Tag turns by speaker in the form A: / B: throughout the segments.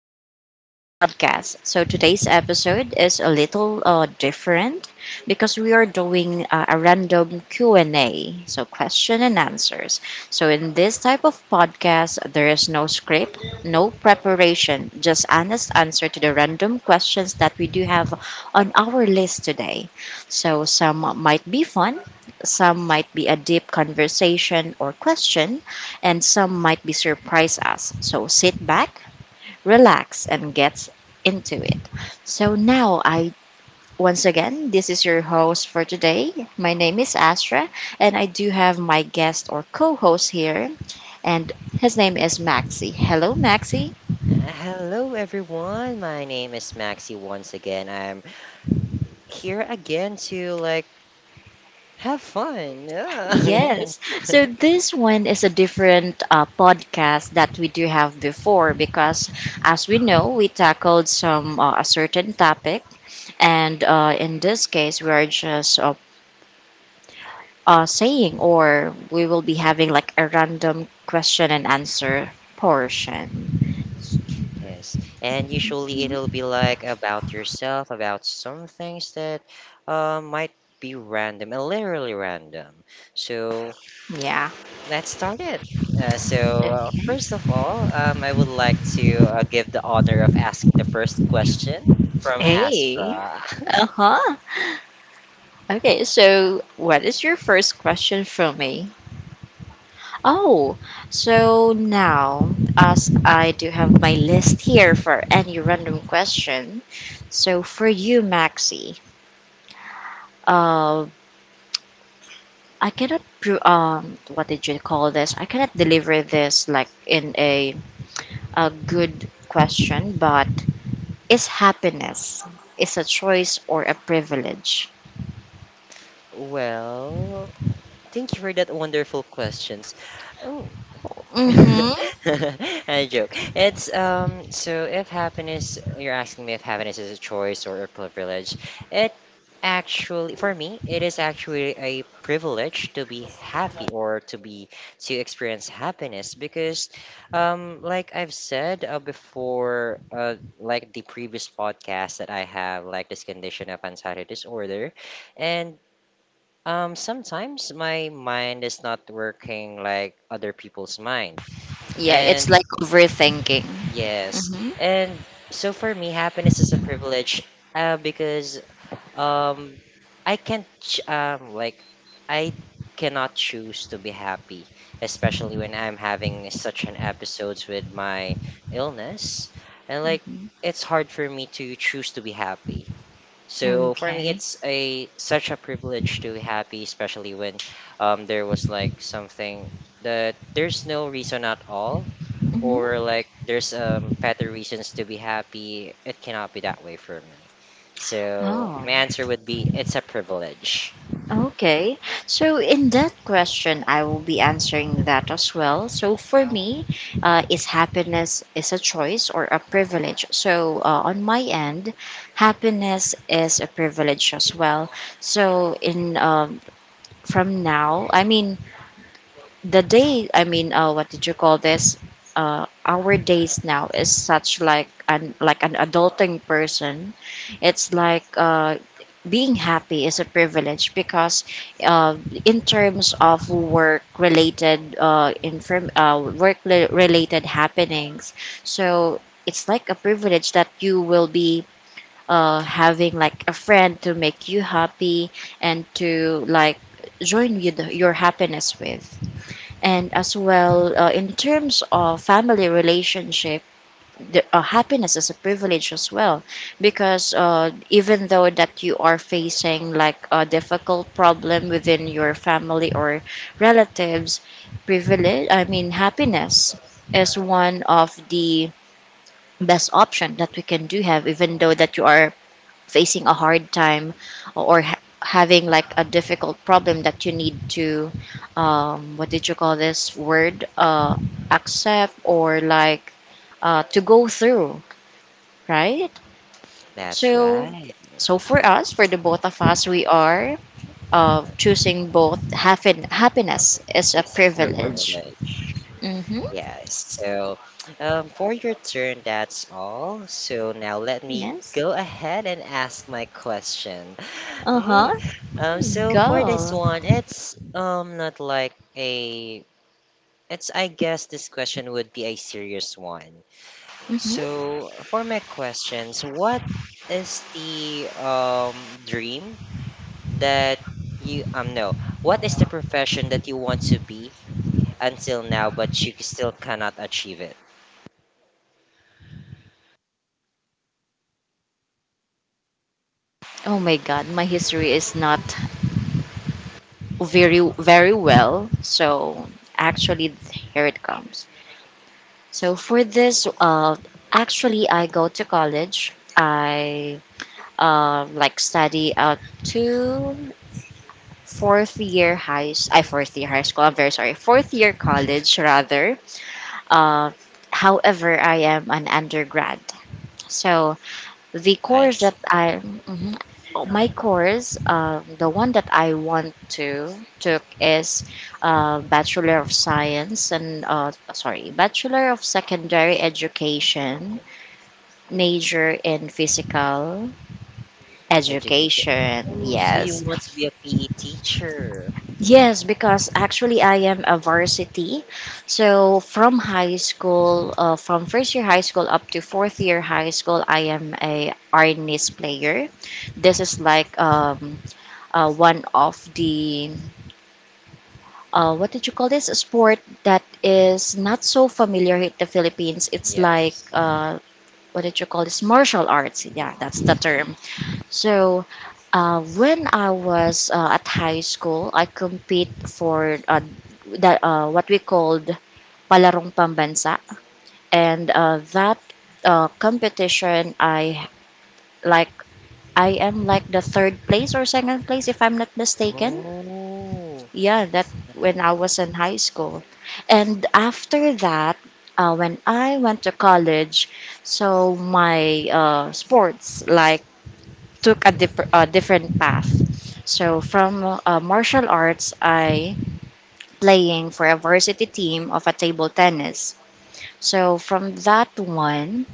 A: welcome back to the podcast. So today's episode is a little different because we are doing a random Q&A, so question and answers. So in this type of podcast, there is no script, no preparation, just honest answer to the random questions that we do have on our list today. So some might be fun, some might be a deep conversation or question, and some might be surprise us. So sit back, relax, and get into it. So now I Once again, this is your host for today. My name is Astra, and I do have my guest or co-host here, and his name is Maxi. Hello, Maxi.
B: Hello everyone. My name is Maxi once again. I'm here again to have fun. Yeah.
A: Yes. So this one is a different podcast that we do have before because, as we know, we tackled some a certain topic, and in this case, we are just saying or we will be having like a random question and answer portion.
B: Yes. And usually it'll be like about yourself, about some things that might be random, literally random. So
A: Yeah.
B: let's start it.
A: Yeah.
B: First of all, I would like to give the honor of asking the first question from
A: Hey.
B: Astra.
A: Uh huh. Okay, so what is your first question from me? Oh, so now, as I do have my list here for any random question, so for you, Maxi, uh, I cannot, what did you call this? I cannot deliver this like in a good question, but is happiness is a choice or a privilege?
B: Well, thank you for that wonderful questions. Oh.
A: Mm-hmm.
B: I joke. It's so if happiness you're asking me if happiness is a choice or a privilege, it actually for me it is actually a privilege to be happy or to experience happiness because like I've said before, like the previous podcast that I have like this condition of anxiety disorder. And sometimes my mind is not working like other people's mind.
A: Yeah, it's
B: And
A: like overthinking.
B: yes,
A: Mm-hmm.
B: and so for me, happiness is a privilege, because um, I can't ch- like I cannot choose to be happy, especially when I'm having such an episodes with my illness, and
A: Mm-hmm.
B: it's hard for me to choose to be happy. So for me,
A: Okay.
B: it's a such a privilege to be happy, especially when there was like something that there's no reason at all, or
A: Mm-hmm.
B: like there's, better reasons to be happy. It cannot be that way for me. So
A: Oh.
B: my answer would be it's a privilege.
A: Okay. So in that question, I will be answering that as well. So for me, is happiness is a choice or a privilege? So on my end, happiness is a privilege as well. So in from now, I mean the day I mean, what did you call this, our days now is such like an adulting person, it's like being happy is a privilege because uh, in terms of work related, inform work related happenings, so it's like a privilege that you will be having like a friend to make you happy and to like join you the, your happiness with, and as well in terms of family relationship, happiness is a privilege as well because even though that you are facing like a difficult problem within your family or relatives, privilege, I mean, happiness is one of the best option that we can do have even though that you are facing a hard time or having like a difficult problem that you need to, what did you call this word, accept or like to go through, right?
B: That's
A: So
B: right.
A: so for us, for the both of
B: Uh,
A: us, we are choosing both
B: uh,
A: happiness is
B: it's
A: a
B: a
A: privilege.
B: privilege.
A: Mm-hmm.
B: Yeah, so for your turn, that's all. So now let me
A: Yes.
B: go ahead and ask my question. Mm.
A: Uh-huh.
B: So for this
A: Go.
B: one, it's not like a it's, I guess this question would be a serious one.
A: Mm-hmm.
B: So for my questions, what is the dream that you no, what is the profession that you want to be until now but you still cannot achieve it?
A: Oh my God, my history is not very, very well. So actually, here it comes. So for this, actually, I go to college. I like study out to fourth year high school. I'm very sorry. Fourth year college rather. Uh, However, I am an undergrad. So The
B: I
A: course that
B: see.
A: I, mhm. Oh, my course, the one that I want to took is Bachelor of Science and, sorry, Bachelor of Secondary Education, major in Physical
B: Education.
A: Education.
B: Oh, so you
A: Yes,
B: want to be a PE teacher?
A: yes, because actually I am a varsity, so from high school, from first year high school up to fourth year high school, I am a Arnis player. This is like one of the what did you call this? A sport that is not so familiar in the Philippines. It's like
B: Yes.
A: what did you call this? Martial arts. Yeah,
B: Mm,
A: that's the
B: yeah.
A: term. So when I was at high school, I compete for that what we called palarong pambansa, and that competition, I like I am like the third place or second place if I'm not mistaken.
B: Oh.
A: Yeah, that
B: uh,
A: when I was in high school, and after that, when I went to college, so my sports like took a, a different path. So from martial arts, I playing for a varsity team of a table tennis. So from that one,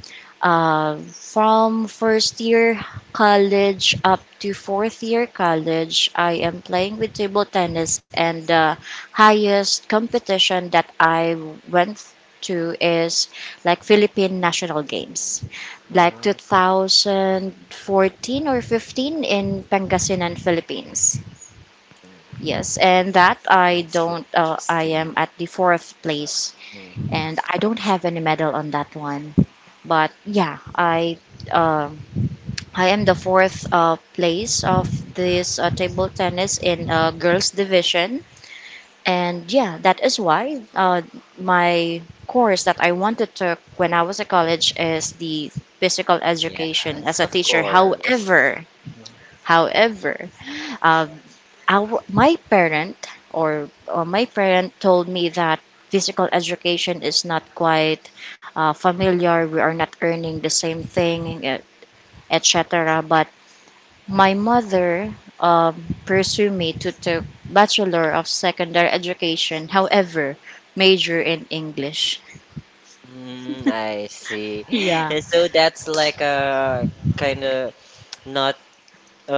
A: from first year college up to fourth year college, I am playing with table tennis, and the highest competition that I went to is like Philippine National Games, like
B: Oh. Yes.
A: 2014 or 15 in Pangasinan, Philippines.
B: Mm.
A: Yes, and that I
B: That's so
A: don't. I am
B: interesting.
A: at the fourth place
B: Mm.
A: and I don't have any medal on that one. But yeah, I um I am the fourth place of this table tennis in girls division, and yeah, that is why my course that I wanted to when I was at college is the physical education
B: Yes,
A: as a
B: of
A: teacher.
B: course.
A: However, um, my parent or my parent told me that physical education is not quite familiar. We are not earning the same thing, etc. But my mother, um, pursued me to take bachelor of secondary education. However, major in English.
B: Mm, I see.
A: Yeah.
B: And so that's like a kind of not,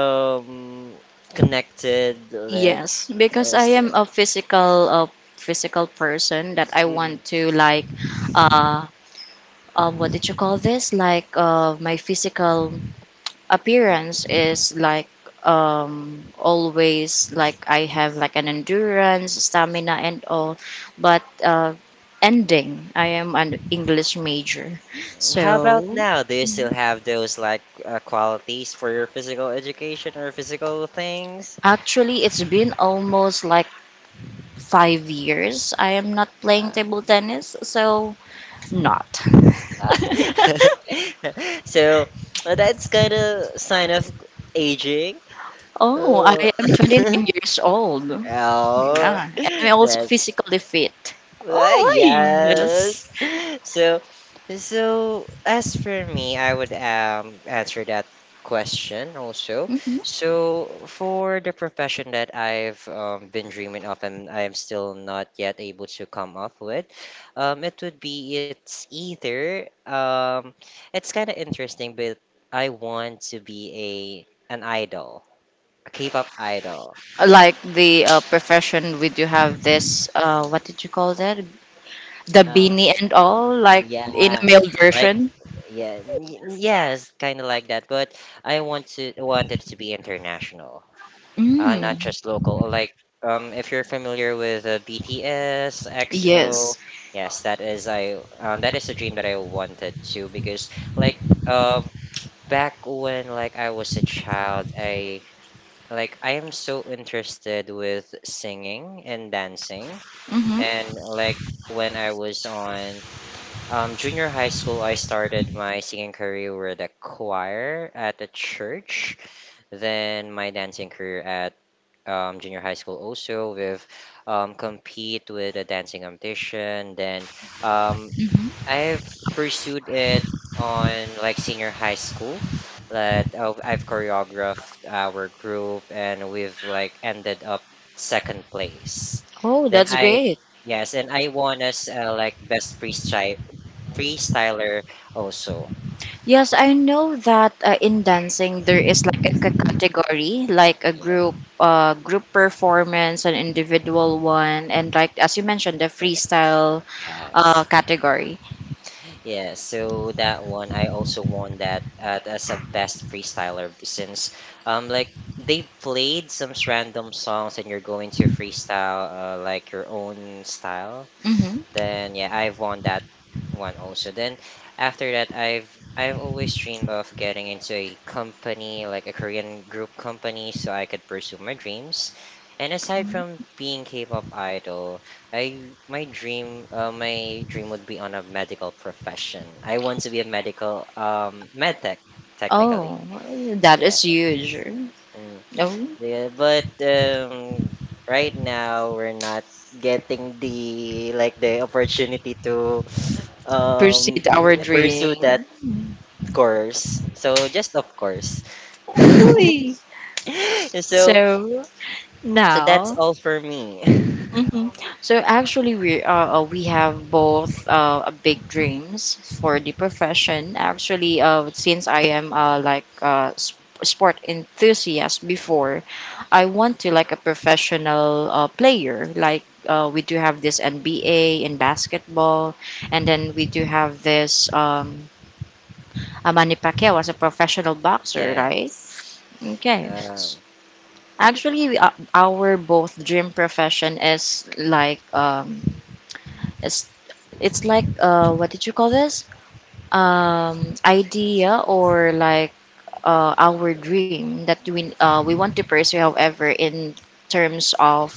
B: um connected, like
A: Yes, because
B: as
A: I am a physical person that I
B: mm.
A: want to like uh what did you call this? Like my physical appearance is like always like I have like an endurance, stamina, and all. But ending, I am an English major,
B: How about
A: so
B: now? Do you still have those like qualities for your physical education or physical things?
A: actually it's been almost like 5 years. I am not playing
B: Uh,
A: table tennis, so not.
B: so that's kind of sign of aging.
A: Oh,
B: Uh,
A: I am 29 years old.
B: oh,
A: Yeah, and I'm also
B: that's
A: physically fit. Oh,
B: Yes.
A: yes.
B: So, so as for me, I would answer that question also.
A: Hmm.
B: So for the profession that I've, been dreaming of and I am still not yet able to come up with, it would be, it's either it's kind of interesting, but I want to be a an idol, a K-pop idol.
A: Like the profession, we do have this, what did you call that? The
B: Uh,
A: beanie and all, like in a
B: yeah,
A: male
B: like
A: version.
B: Yes, kind of like that. But I want to want it to be international, not
A: Mm,
B: just local. Or like, if you're familiar with BTS,
A: yes.
B: EXO, yes, that is a dream that I wanted to because like um back when like I was a child, I am so interested with singing and dancing.
A: Mm-hmm,
B: And like when I was on, junior high school, I started my singing career with a choir at the church. Then my dancing career at, junior high school also with, compete with a dancing competition. Then, um,
A: hmm.
B: I've pursued it on like senior high school. That I've choreographed our group and we've like ended up second place.
A: Oh,
B: Then
A: that's
B: I
A: great.
B: yes, and I won as like best pre freestyler also.
A: Yes, I know that in dancing there is like a category, like a
B: Yeah,
A: group, group performance, an individual one, and like as you mentioned, the
B: yeah,
A: freestyle
B: yes.
A: category.
B: Yeah. So that one, I also won that as a best freestyler since, like they played some random songs and you're going to freestyle, like your own style. Then yeah, I've won that one also. Then after that, I've always dreamed of getting into a company like a Korean group company so I could pursue my dreams. And aside from being K-pop idol, I my dream would be on a medical profession. I want to be a medical med tech technically.
A: Oh, that
B: Yeah.
A: is huge.
B: Mm.
A: Oh,
B: Yeah, but right now we're not getting the like the opportunity to um
A: pursued our
B: pursue that
A: dream.
B: course. So just of course.
A: Hui.
B: So
A: So
B: so that's
A: now.
B: all for me.
A: Hmm. So actually, we have both a big dreams for the profession. Actually, since I am like sp- sport enthusiast before, I want to like a professional player. Like we do have this NBA in basketball, and then we do have this Manny Pacquiao as a professional boxer,
B: Yeah.
A: right? Okay.
B: Um,
A: Actually, our both dream profession is like it's it's like what did you call this? Idea or like our dream that we want to pursue. However, in terms of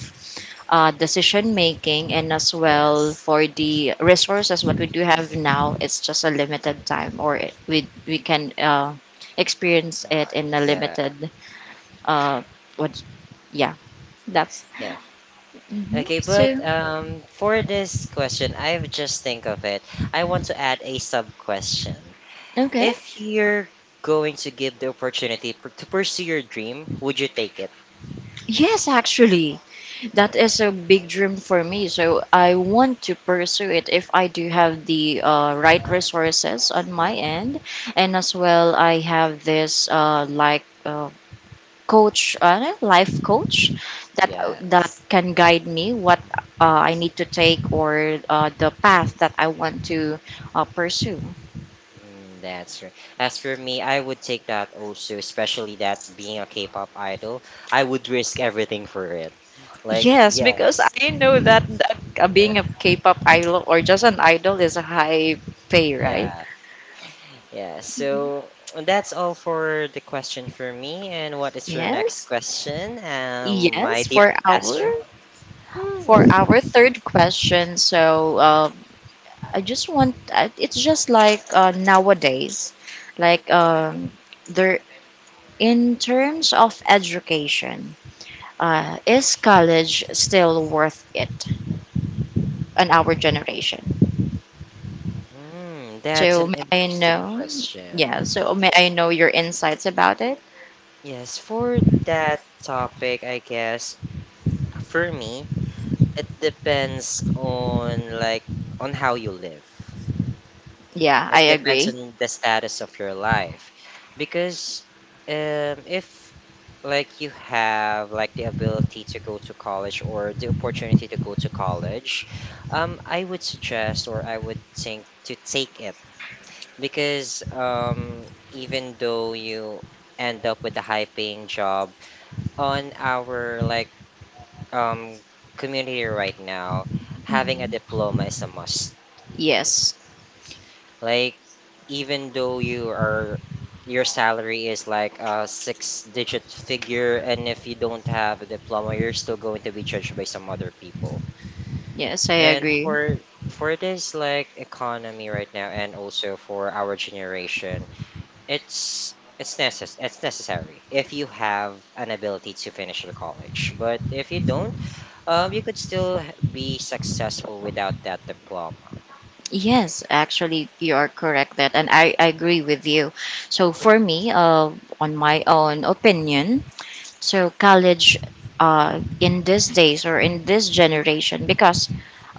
A: decision making and as well
B: yes.
A: for the resources what we do have
B: Mm.
A: now, it's just a limited time or it, we can experience it in a
B: Yeah.
A: limited uh, what? Yeah, that's
B: Yeah.
A: hmm
B: Okay, but
A: so.
B: for this question, I've just think of it. I want to add a sub question.
A: Okay.
B: If you're going to give the opportunity to pursue your dream, would you take it?
A: Yes, actually. That is a big dream for me. So I want to pursue it if I do have the right resources on my end. And as well, I have this coach, life coach that that
B: Yes.
A: can guide me what I need to take or the path that I want to pursue.
B: Mm, that's right. As for me, I would take that also, especially that being a K-pop idol, I would risk everything for it. Like,
A: Yes, because
B: yes.
A: I know that, that
B: Yeah.
A: being a K-pop idol or just an idol is a high pay, right?
B: Yeah. Yeah. So that's all for the question for me. And what is your next
A: Yes.
B: question, my
A: Yes,
B: dear Ashley?
A: for
B: Hmm.
A: our third question. So I just want, it's just like nowadays, like there in terms of education, is college still worth it in our generation?
B: Hmm, that's
A: So
B: an
A: may I
B: interesting
A: know? Yeah.
B: question.
A: So may I know your insights about it?
B: Yes, for that topic, I guess for me, it depends on on how you live.
A: Yeah, I
B: It depends
A: agree.
B: on the status of your life, because, if like you have like the ability to go to college or the opportunity to go to college, I would suggest or I would think to take it because, even though you end up with a high paying job on our like, um community right now, having a diploma is a must.
A: Yes.
B: Like even though your salary is like a six digit figure, and if you don't have a diploma you're still going to be judged by some other people.
A: Yes, I
B: And
A: agree.
B: for this like economy right now and also for our generation, it's it's necessary if you have an ability to finish your college. But if you don't, you could still be successful without that diploma.
A: Yes, actually, you are correct that, and I agree with you. So for me, on my own opinion, so college in these days or in this generation because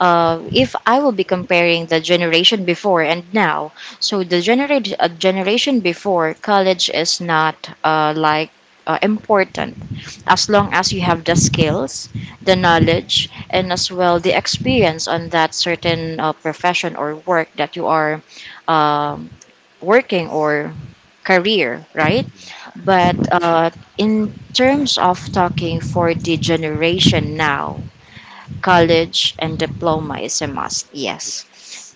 A: if I will be comparing the generation before and now, so the generation before college is not uh, like important as long as you have the skills, the knowledge, and as well the experience on that certain profession or work that you are um, working or career, right? But in terms of talking for the generation now, college and diploma is a must, yes.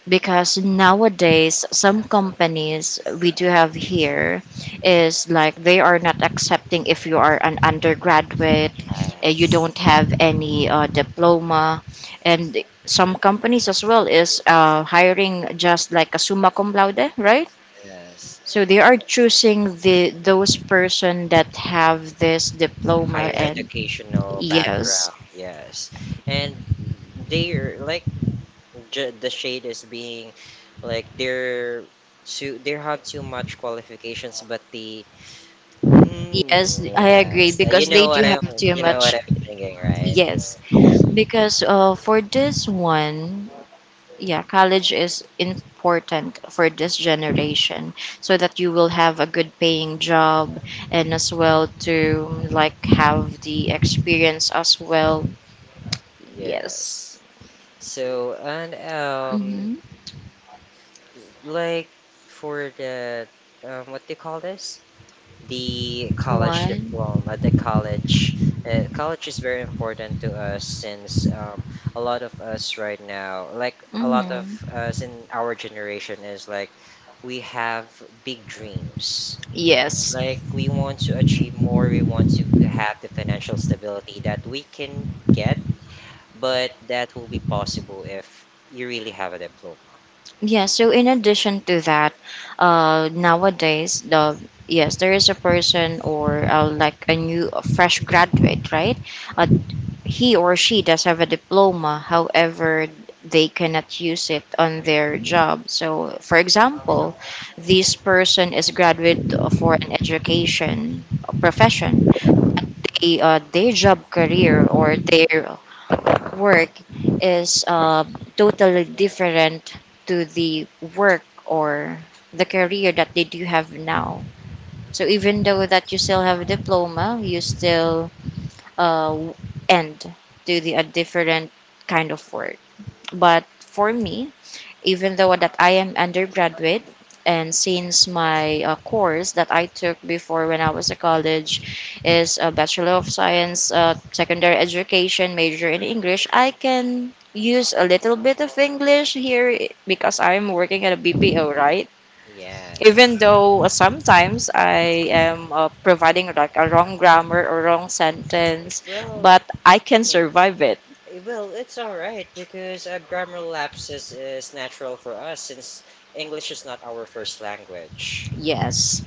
A: Because nowadays, some companies we do have here is like they are not accepting if you are an undergraduate, you
B: Yes.
A: don't have any diploma, and some companies as well is hiring just like a summa cum laude, right?
B: Yes.
A: So they are choosing the those person that have this diploma
B: Higher
A: and
B: educational
A: yes,
B: background. Yes, and they're like, the shade is being like they're too they have too much qualifications, but the mm,
A: yes, I agree
B: yes.
A: because they do have too
B: You know what
A: much.
B: I'm thinking, right?
A: Yes, because for this one, yeah, college is important for this generation so that you will have a good paying job and as well to like have the experience as well.
B: Yes.
A: Yes.
B: So and,
A: Mm-hmm.
B: like for the, what do you call this?
A: What?
B: The college. College is very important to us since, a lot of us right now, like a lot of
A: Mm-hmm.
B: us in our generation, is like we have big dreams.
A: Yes.
B: Like we want to achieve more, we want to have the financial stability that we can get, but that will be possible if you really have a diploma.
A: Yeah, so in addition to that, nowadays the yes, there is a person or like a new a fresh graduate, right? Uh, he or she does have a diploma, however, they cannot use it on their job. So, for example, this person is graduate for an education profession. Their job career or their work
B: Mm.
A: is totally different to the work or the career that they do have now. So even though that you still have a diploma, you still uh, end to the a different kind of work. But for me, even though that I am undergraduate, and since my course that I took before when I was a college is a Bachelor of Science, secondary education major in English. I can use a little bit of English here because I'm working at a BPO, right,
B: Yes.
A: even though sometimes I am providing like a wrong grammar or wrong sentence,
B: Well,
A: but I can survive it.
B: Well, it's all right because grammar lapses is natural for us since English is not our first language.
A: Yes.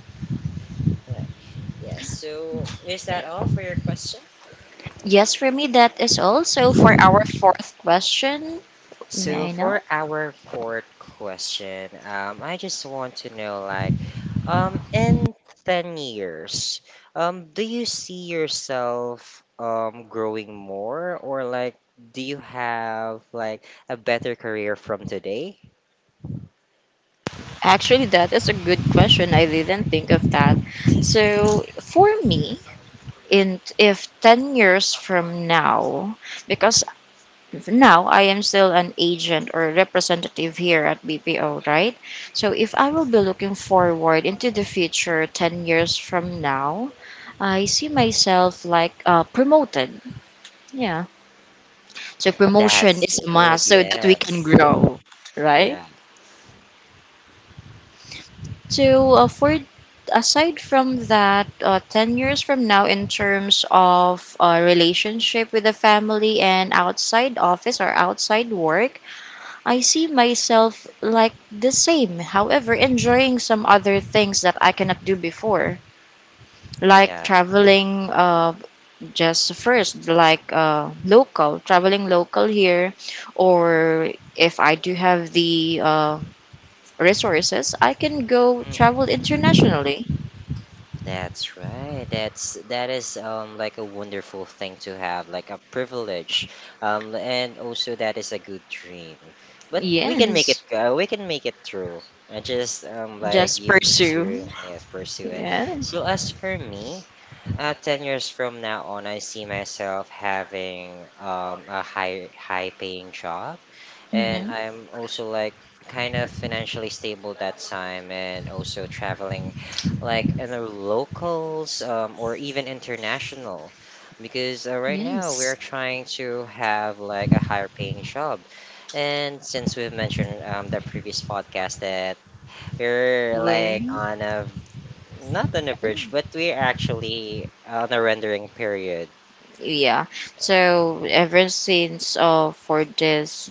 B: Right. Yes. So, is that all for your question?
A: Yes, for me, that is also for our fourth question.
B: So,
A: May I know?
B: for our fourth question, I just want to know, like, in 10 years, do you see yourself growing more, or like, do you have like a better career from today?
A: Actually, that is a good question. I didn't think of that. So, for me, in if 10 years from now, because now I am still an agent or representative here at BPO, right? So, if I will be looking forward into the future 10 years from now, I see myself like promoted. Yeah. So
B: That's
A: promotion is a
B: good.
A: must so that
B: Yeah.
A: we can grow, right?
B: Yeah.
A: So for aside from that, 10 years from now, in terms of relationship with the family and outside office or outside work, I see myself like the same. However, enjoying some other things that I cannot do before, like
B: Yeah,
A: traveling, just first like local traveling local here, or if I do have the resources, I can go travel
B: mm,
A: internationally.
B: that's right. That is like a wonderful thing to have, like a privilege. And also that is a good dream. But we can make it
A: Yes.
B: go. We can make it through. I just like
A: Just
B: you need
A: pursue.
B: to yes pursue it.
A: Yes.
B: So as for me, 10 years from now on, I see myself having a high high paying job, and
A: Hmm.
B: I'm also like kind of financially stable that time, and also traveling like in the locals, or even international, because right now
A: Yes.
B: we're trying to have like a higher paying job, and since we've mentioned, the previous podcast that we're like
A: Well,
B: on a not on a verge, but we're actually on a rendering period.
A: yeah, so ever since, for this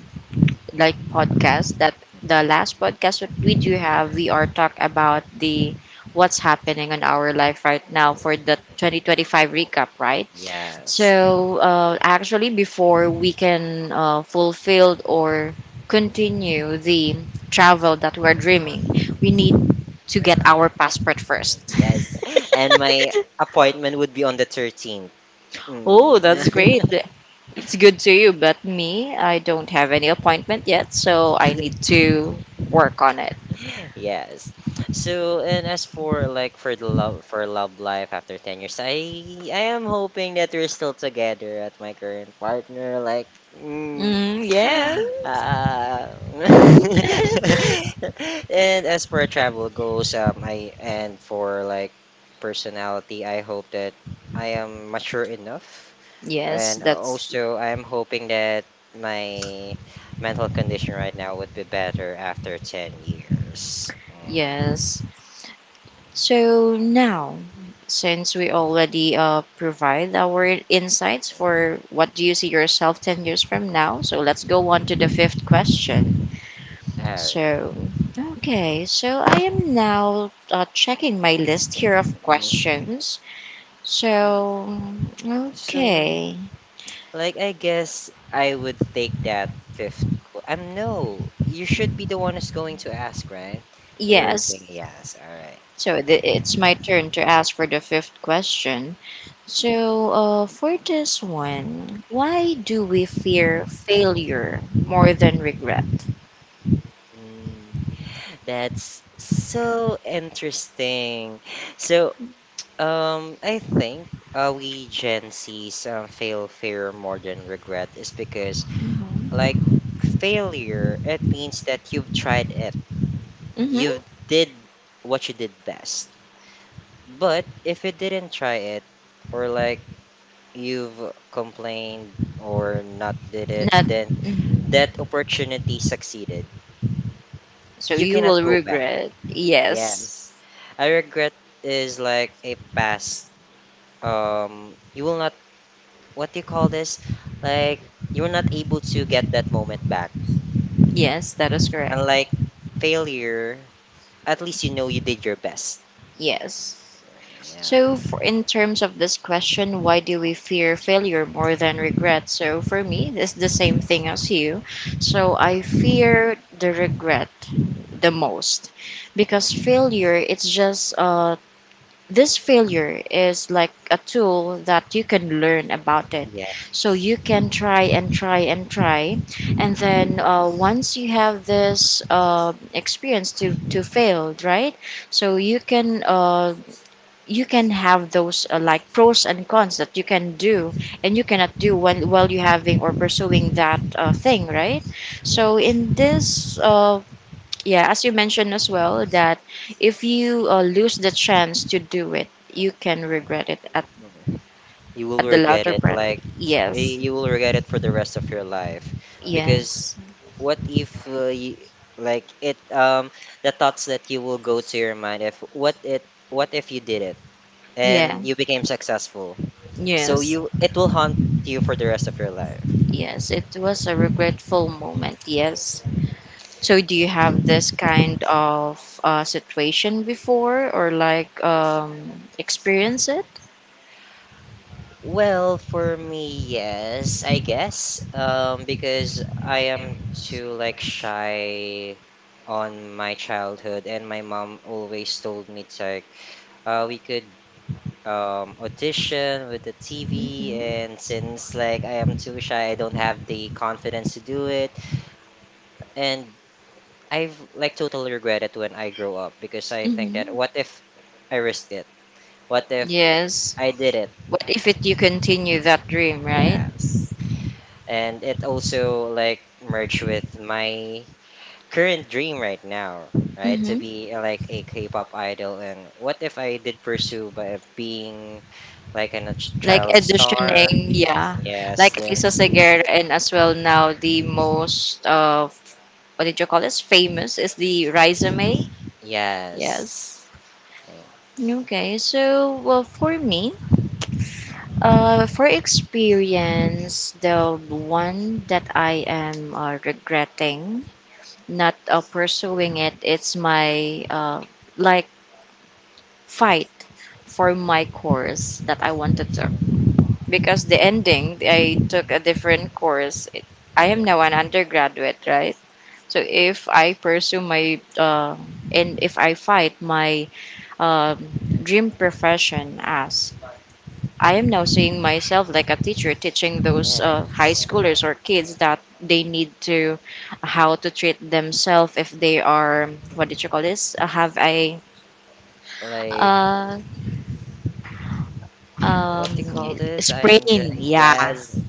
A: like podcast that the
B: Mhm.
A: last podcast that we do have, we are talk about the what's happening in our life right now for the 2025 recap, right?
B: Yes.
A: So actually, before we can fulfill or continue the travel that we're dreaming, we need to get our passport first.
B: Yes. And my appointment would be on the 13th. Mm.
A: Oh, that's great. It's good to you, but me, I don't have any appointment yet, so I need to work on it.
B: Yes. So, and as for like for the love life after 10 years, I am hoping that we're still together at my current partner like mm,
A: Mm, yes.
B: uh, and as for travel goes, I and for like personality, I hope that I am mature enough.
A: Yes,
B: And
A: that's
B: also, I'm hoping that my mental condition right now would be better after 10 years. Mm.
A: yes. So now, since we already provide our insights for what do you see yourself 10 years from now, so let's go on to the fifth question.
B: All right.
A: So, okay, so I am now checking my list here of
B: Mm.
A: questions. So,
B: So,
A: okay.
B: like, I guess I would take that fifth. No, you should be the one who's going to ask, right? We're
A: Yes,
B: doing yes. All right.
A: so it's my turn to ask for the fifth question. So, for this one, why do we fear failure more than regret?
B: Mm, that's so interesting. So, I think we Gen Zs feel fear more than regret is because
A: Mm-hmm.
B: like failure, it means that you've tried it,
A: Mm-hmm.
B: you've did what you did best. But if you didn't try it, or like you've complained or not did it,
A: Not.
B: then
A: Mhm.
B: that opportunity succeeded.
A: So
B: You
A: you
B: cannot
A: will
B: go back.
A: regret.
B: Yes,
A: Yes.
B: I regret is like a past. You will not, what do you call this? Like you're not able to get that moment back.
A: Yes, that is correct.
B: Unlike failure, at least you know you did your best.
A: Yes.
B: Yeah.
A: So, for, in terms of this question, why do we fear failure more than regret? So, for me, it's the same thing as you. So, I fear the regret the most because
B: Mm.
A: failure, it's just uh, this failure is like a tool that you can learn about it,
B: Yeah.
A: so you can try and try and try. And then once you have this experience to fail, right, so you can have those like pros and cons that you can do and you cannot do when while you having or pursuing that thing, right?
B: Yeah.
A: So in this yeah, as you mentioned as well, that if you lose the chance to do it, you can regret it
B: Mhm. You will
A: at the
B: regret
A: latter
B: it.
A: part.
B: Like
A: Yes.
B: you will regret it for the rest of your life. Because
A: Yes.
B: what if you, like it the thoughts that you will go to your mind if what if you did it
A: Yeah.
B: and you became successful. So
A: Yes.
B: you it will haunt you for the rest of your life.
A: Yes, it was a regretful moment. Yes. So, do you have this kind of situation before, or like experience it?
B: Well, for me, yes, I guess. Because I am too like shy on my childhood, and my mom always told me to, we could audition with the TV,
A: Mhm.
B: and since like I am too shy, I don't have the confidence to do it, and I've like totally regret it when I grow up because I think that
A: Mhm.
B: what if I risked it? What if
A: Yes.
B: I did it?
A: What if it you continue that dream, right?
B: Yes. And it also like merged with my current dream right now, right, to
A: Mhm.
B: be like a k-pop idol. And what if I did pursue by being like a
A: Like
B: child star?
A: editioning, yeah.
B: Yes,
A: Like Lisa
B: then
A: Seguer, and as well now the most of what did you call this? Famous is the resume.
B: yes.
A: Yes. Okay, so well for me, for experience, the one that I am regretting not pursuing it, it's my like fight for my course that I wanted
B: Mm,
A: to. Because the ending, I took a different course. It, I am
B: yeah,
A: now an undergraduate, right? So if I pursue my and if I fight my um, dream profession as I am now seeing myself like a teacher teaching those high
B: yes,
A: schoolers or kids that they need to how to treat themselves if they are, what did you call this? Have a
B: like
A: uh, um,
B: what do you call this? I'm just,
A: sprain, yeah.
B: yes,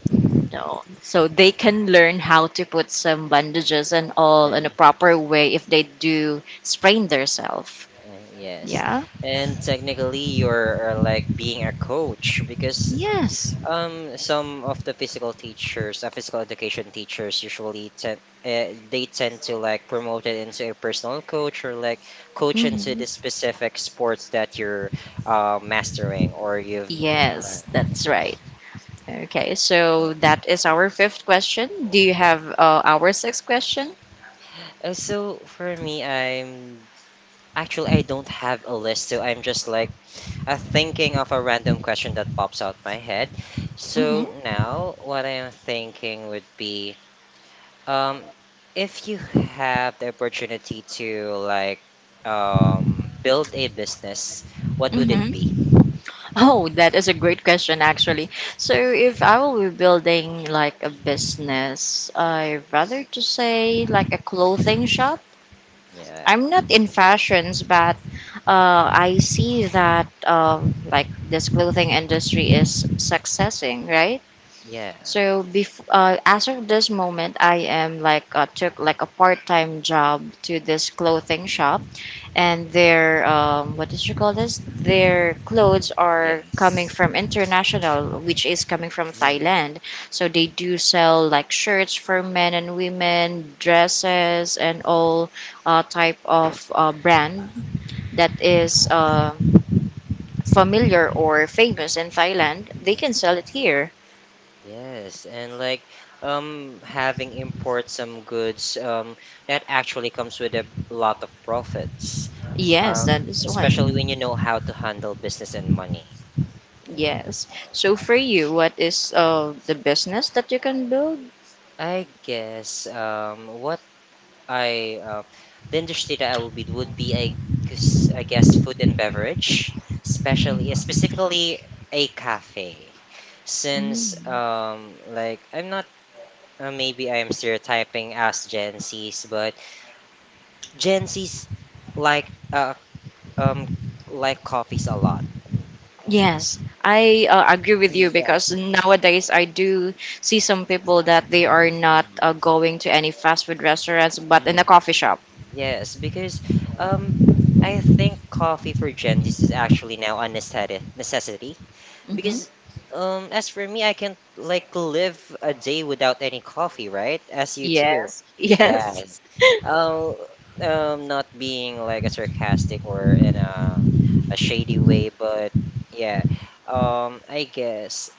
A: No. So they can learn how to put some bandages and all in a
B: and
A: proper way if they do sprain themselves.
B: yes.
A: Yeah.
B: And technically you're like being a coach. Because
A: Yes.
B: um, some of the physical teachers, physical education teachers, usually tend, they tend to like promote it into a personal coach, or like coach into
A: Mhm.
B: the specific sports that you're mastering or you've
A: Yes,
B: learned.
A: that's right. Okay, so that is our fifth question. Do you have our sixth question?
B: So for me, I'm actually I don't have a list, so I'm just like thinking of a random question that pops out my head.
A: Hmm.
B: So now, what I am thinking would be. Um, if you have the opportunity to like build a business, what would it be?
A: Hmm. Oh, that is a great question, actually. So, if I will be building like a business, I'd rather to say like a clothing shop.
B: Yeah,
A: I'm not in fashions, but I see that like this clothing industry is successing, right?
B: yeah,
A: So before, as of this moment, I am like took like a part time job to this clothing shop, and their what did you call this? Their clothes are coming
B: yes.
A: from international, which is coming from
B: Mm,
A: Thailand. So they do sell like shirts for men and women, dresses, and all type of brand that is familiar
B: yeah,
A: or famous in Thailand. They can
B: mm,
A: sell it here.
B: yes. And like having import some goods that actually comes with a lot of profits.
A: Yes,
B: Um,
A: that is why.
B: Especially when you know how to handle business and money. Mm.
A: Yes. So for you, what is the business that you can build?
B: I guess what I, the industry that I will be would be a I guess food and beverage, especially, yeah, specifically a cafe,
A: Mm.
B: since like I'm not, maybe I am stereotyping as Gen Zs, but Gen Zs like uh um like coffees a lot.
A: Yes, I agree with you
B: Mm, yeah.
A: because nowadays I do see some people that they are not
B: Mm-hmm.
A: going to any fast food restaurants but in a coffee shop.
B: Yes, because um, I think coffee for Gen Zs is actually now a necessity.
A: Hmm.
B: Because as for me, I can't like live a day without any coffee, right? As you too.
A: Yes, yes.
B: Yes. Um, Not being like a sarcastic or in a shady way, but yeah. I guess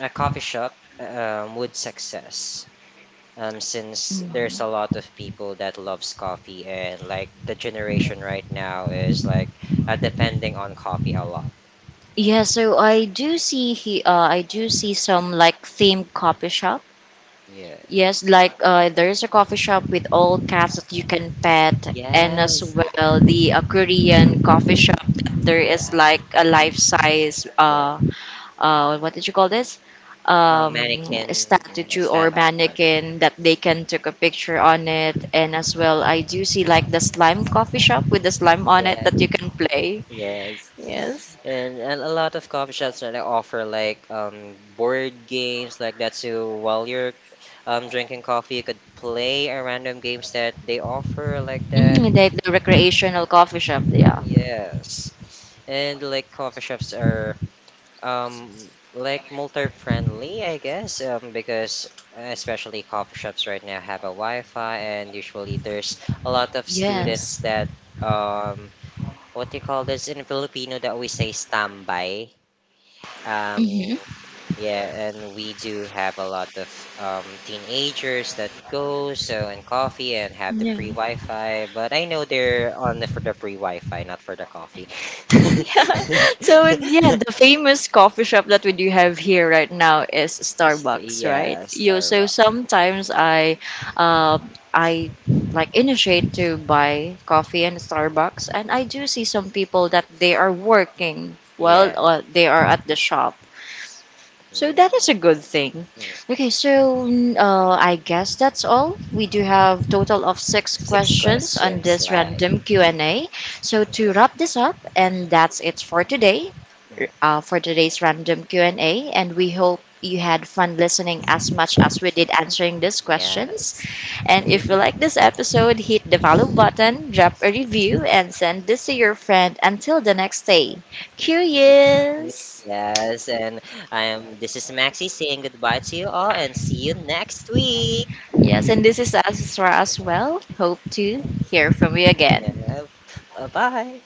B: a coffee shop would success, since there's a lot of people that loves coffee, and like the generation right now is like depending on coffee a lot.
A: Yeah, so I do see he, I do see some like themed coffee shop.
B: Yeah.
A: Yes, like there is a coffee shop with all cats that you can pet, and as
B: Yes.
A: well the Korean coffee shop that there
B: Yeah.
A: is like a life size
B: Yeah.
A: uh, uh, what did you call this? Um,
B: Mannequin,
A: statue or
B: stand on, man.
A: mannequin that they can take a picture on it, and as well I do see like the slime coffee shop with the slime on it
B: Yeah.
A: that you can play. Yes,
B: Yes. And a lot of coffee shops that offer like board games like that. So while you're drinking coffee, you could play a random games that they offer like that.
A: mm, like the
B: Yeah.
A: recreational coffee shop. Yeah.
B: Yes. And like coffee shops are um like multi-friendly, I guess, because especially coffee shops right now have a Wi-Fi, and usually there's a lot of students
A: Yes.
B: that um what do you call this in Filipino that we say standby, um,
A: Mm-hmm.
B: yeah, and we do have a lot of teenagers that go so and coffee and have the free Wi-Fi, but I know they're on the for the free Wi-Fi, not for the coffee.
A: Yeah. So yeah, the famous coffee shop that we do have here right now is Starbucks, right?
B: Yeah,
A: You so
B: Starbucks.
A: sometimes uh, I like initiate to buy coffee in Starbucks, and I do see some people that they are working while
B: Yeah,
A: they are at the shop. So
B: mm,
A: that is a good thing.
B: mm.
A: Okay, so mm, I guess that's all. We do have total of six
B: Six
A: questions on
B: questions,
A: this
B: like
A: random Q&A. So to
B: yeah,
A: wrap this up, and that's it for today,
B: mm,
A: for today's random Q&A. And we hope you had fun listening as much as we did answering these questions.
B: yes.
A: And if you like this episode, hit the follow button, drop a review, and send this to your friend. Until the next day,
B: Ye-
A: curious.
B: Yes, and I am. This is Maxi saying goodbye to you all, and see you next week.
A: Yes, and this is Asra as well. Hope to hear from you again.
B: Yeah. Bye bye.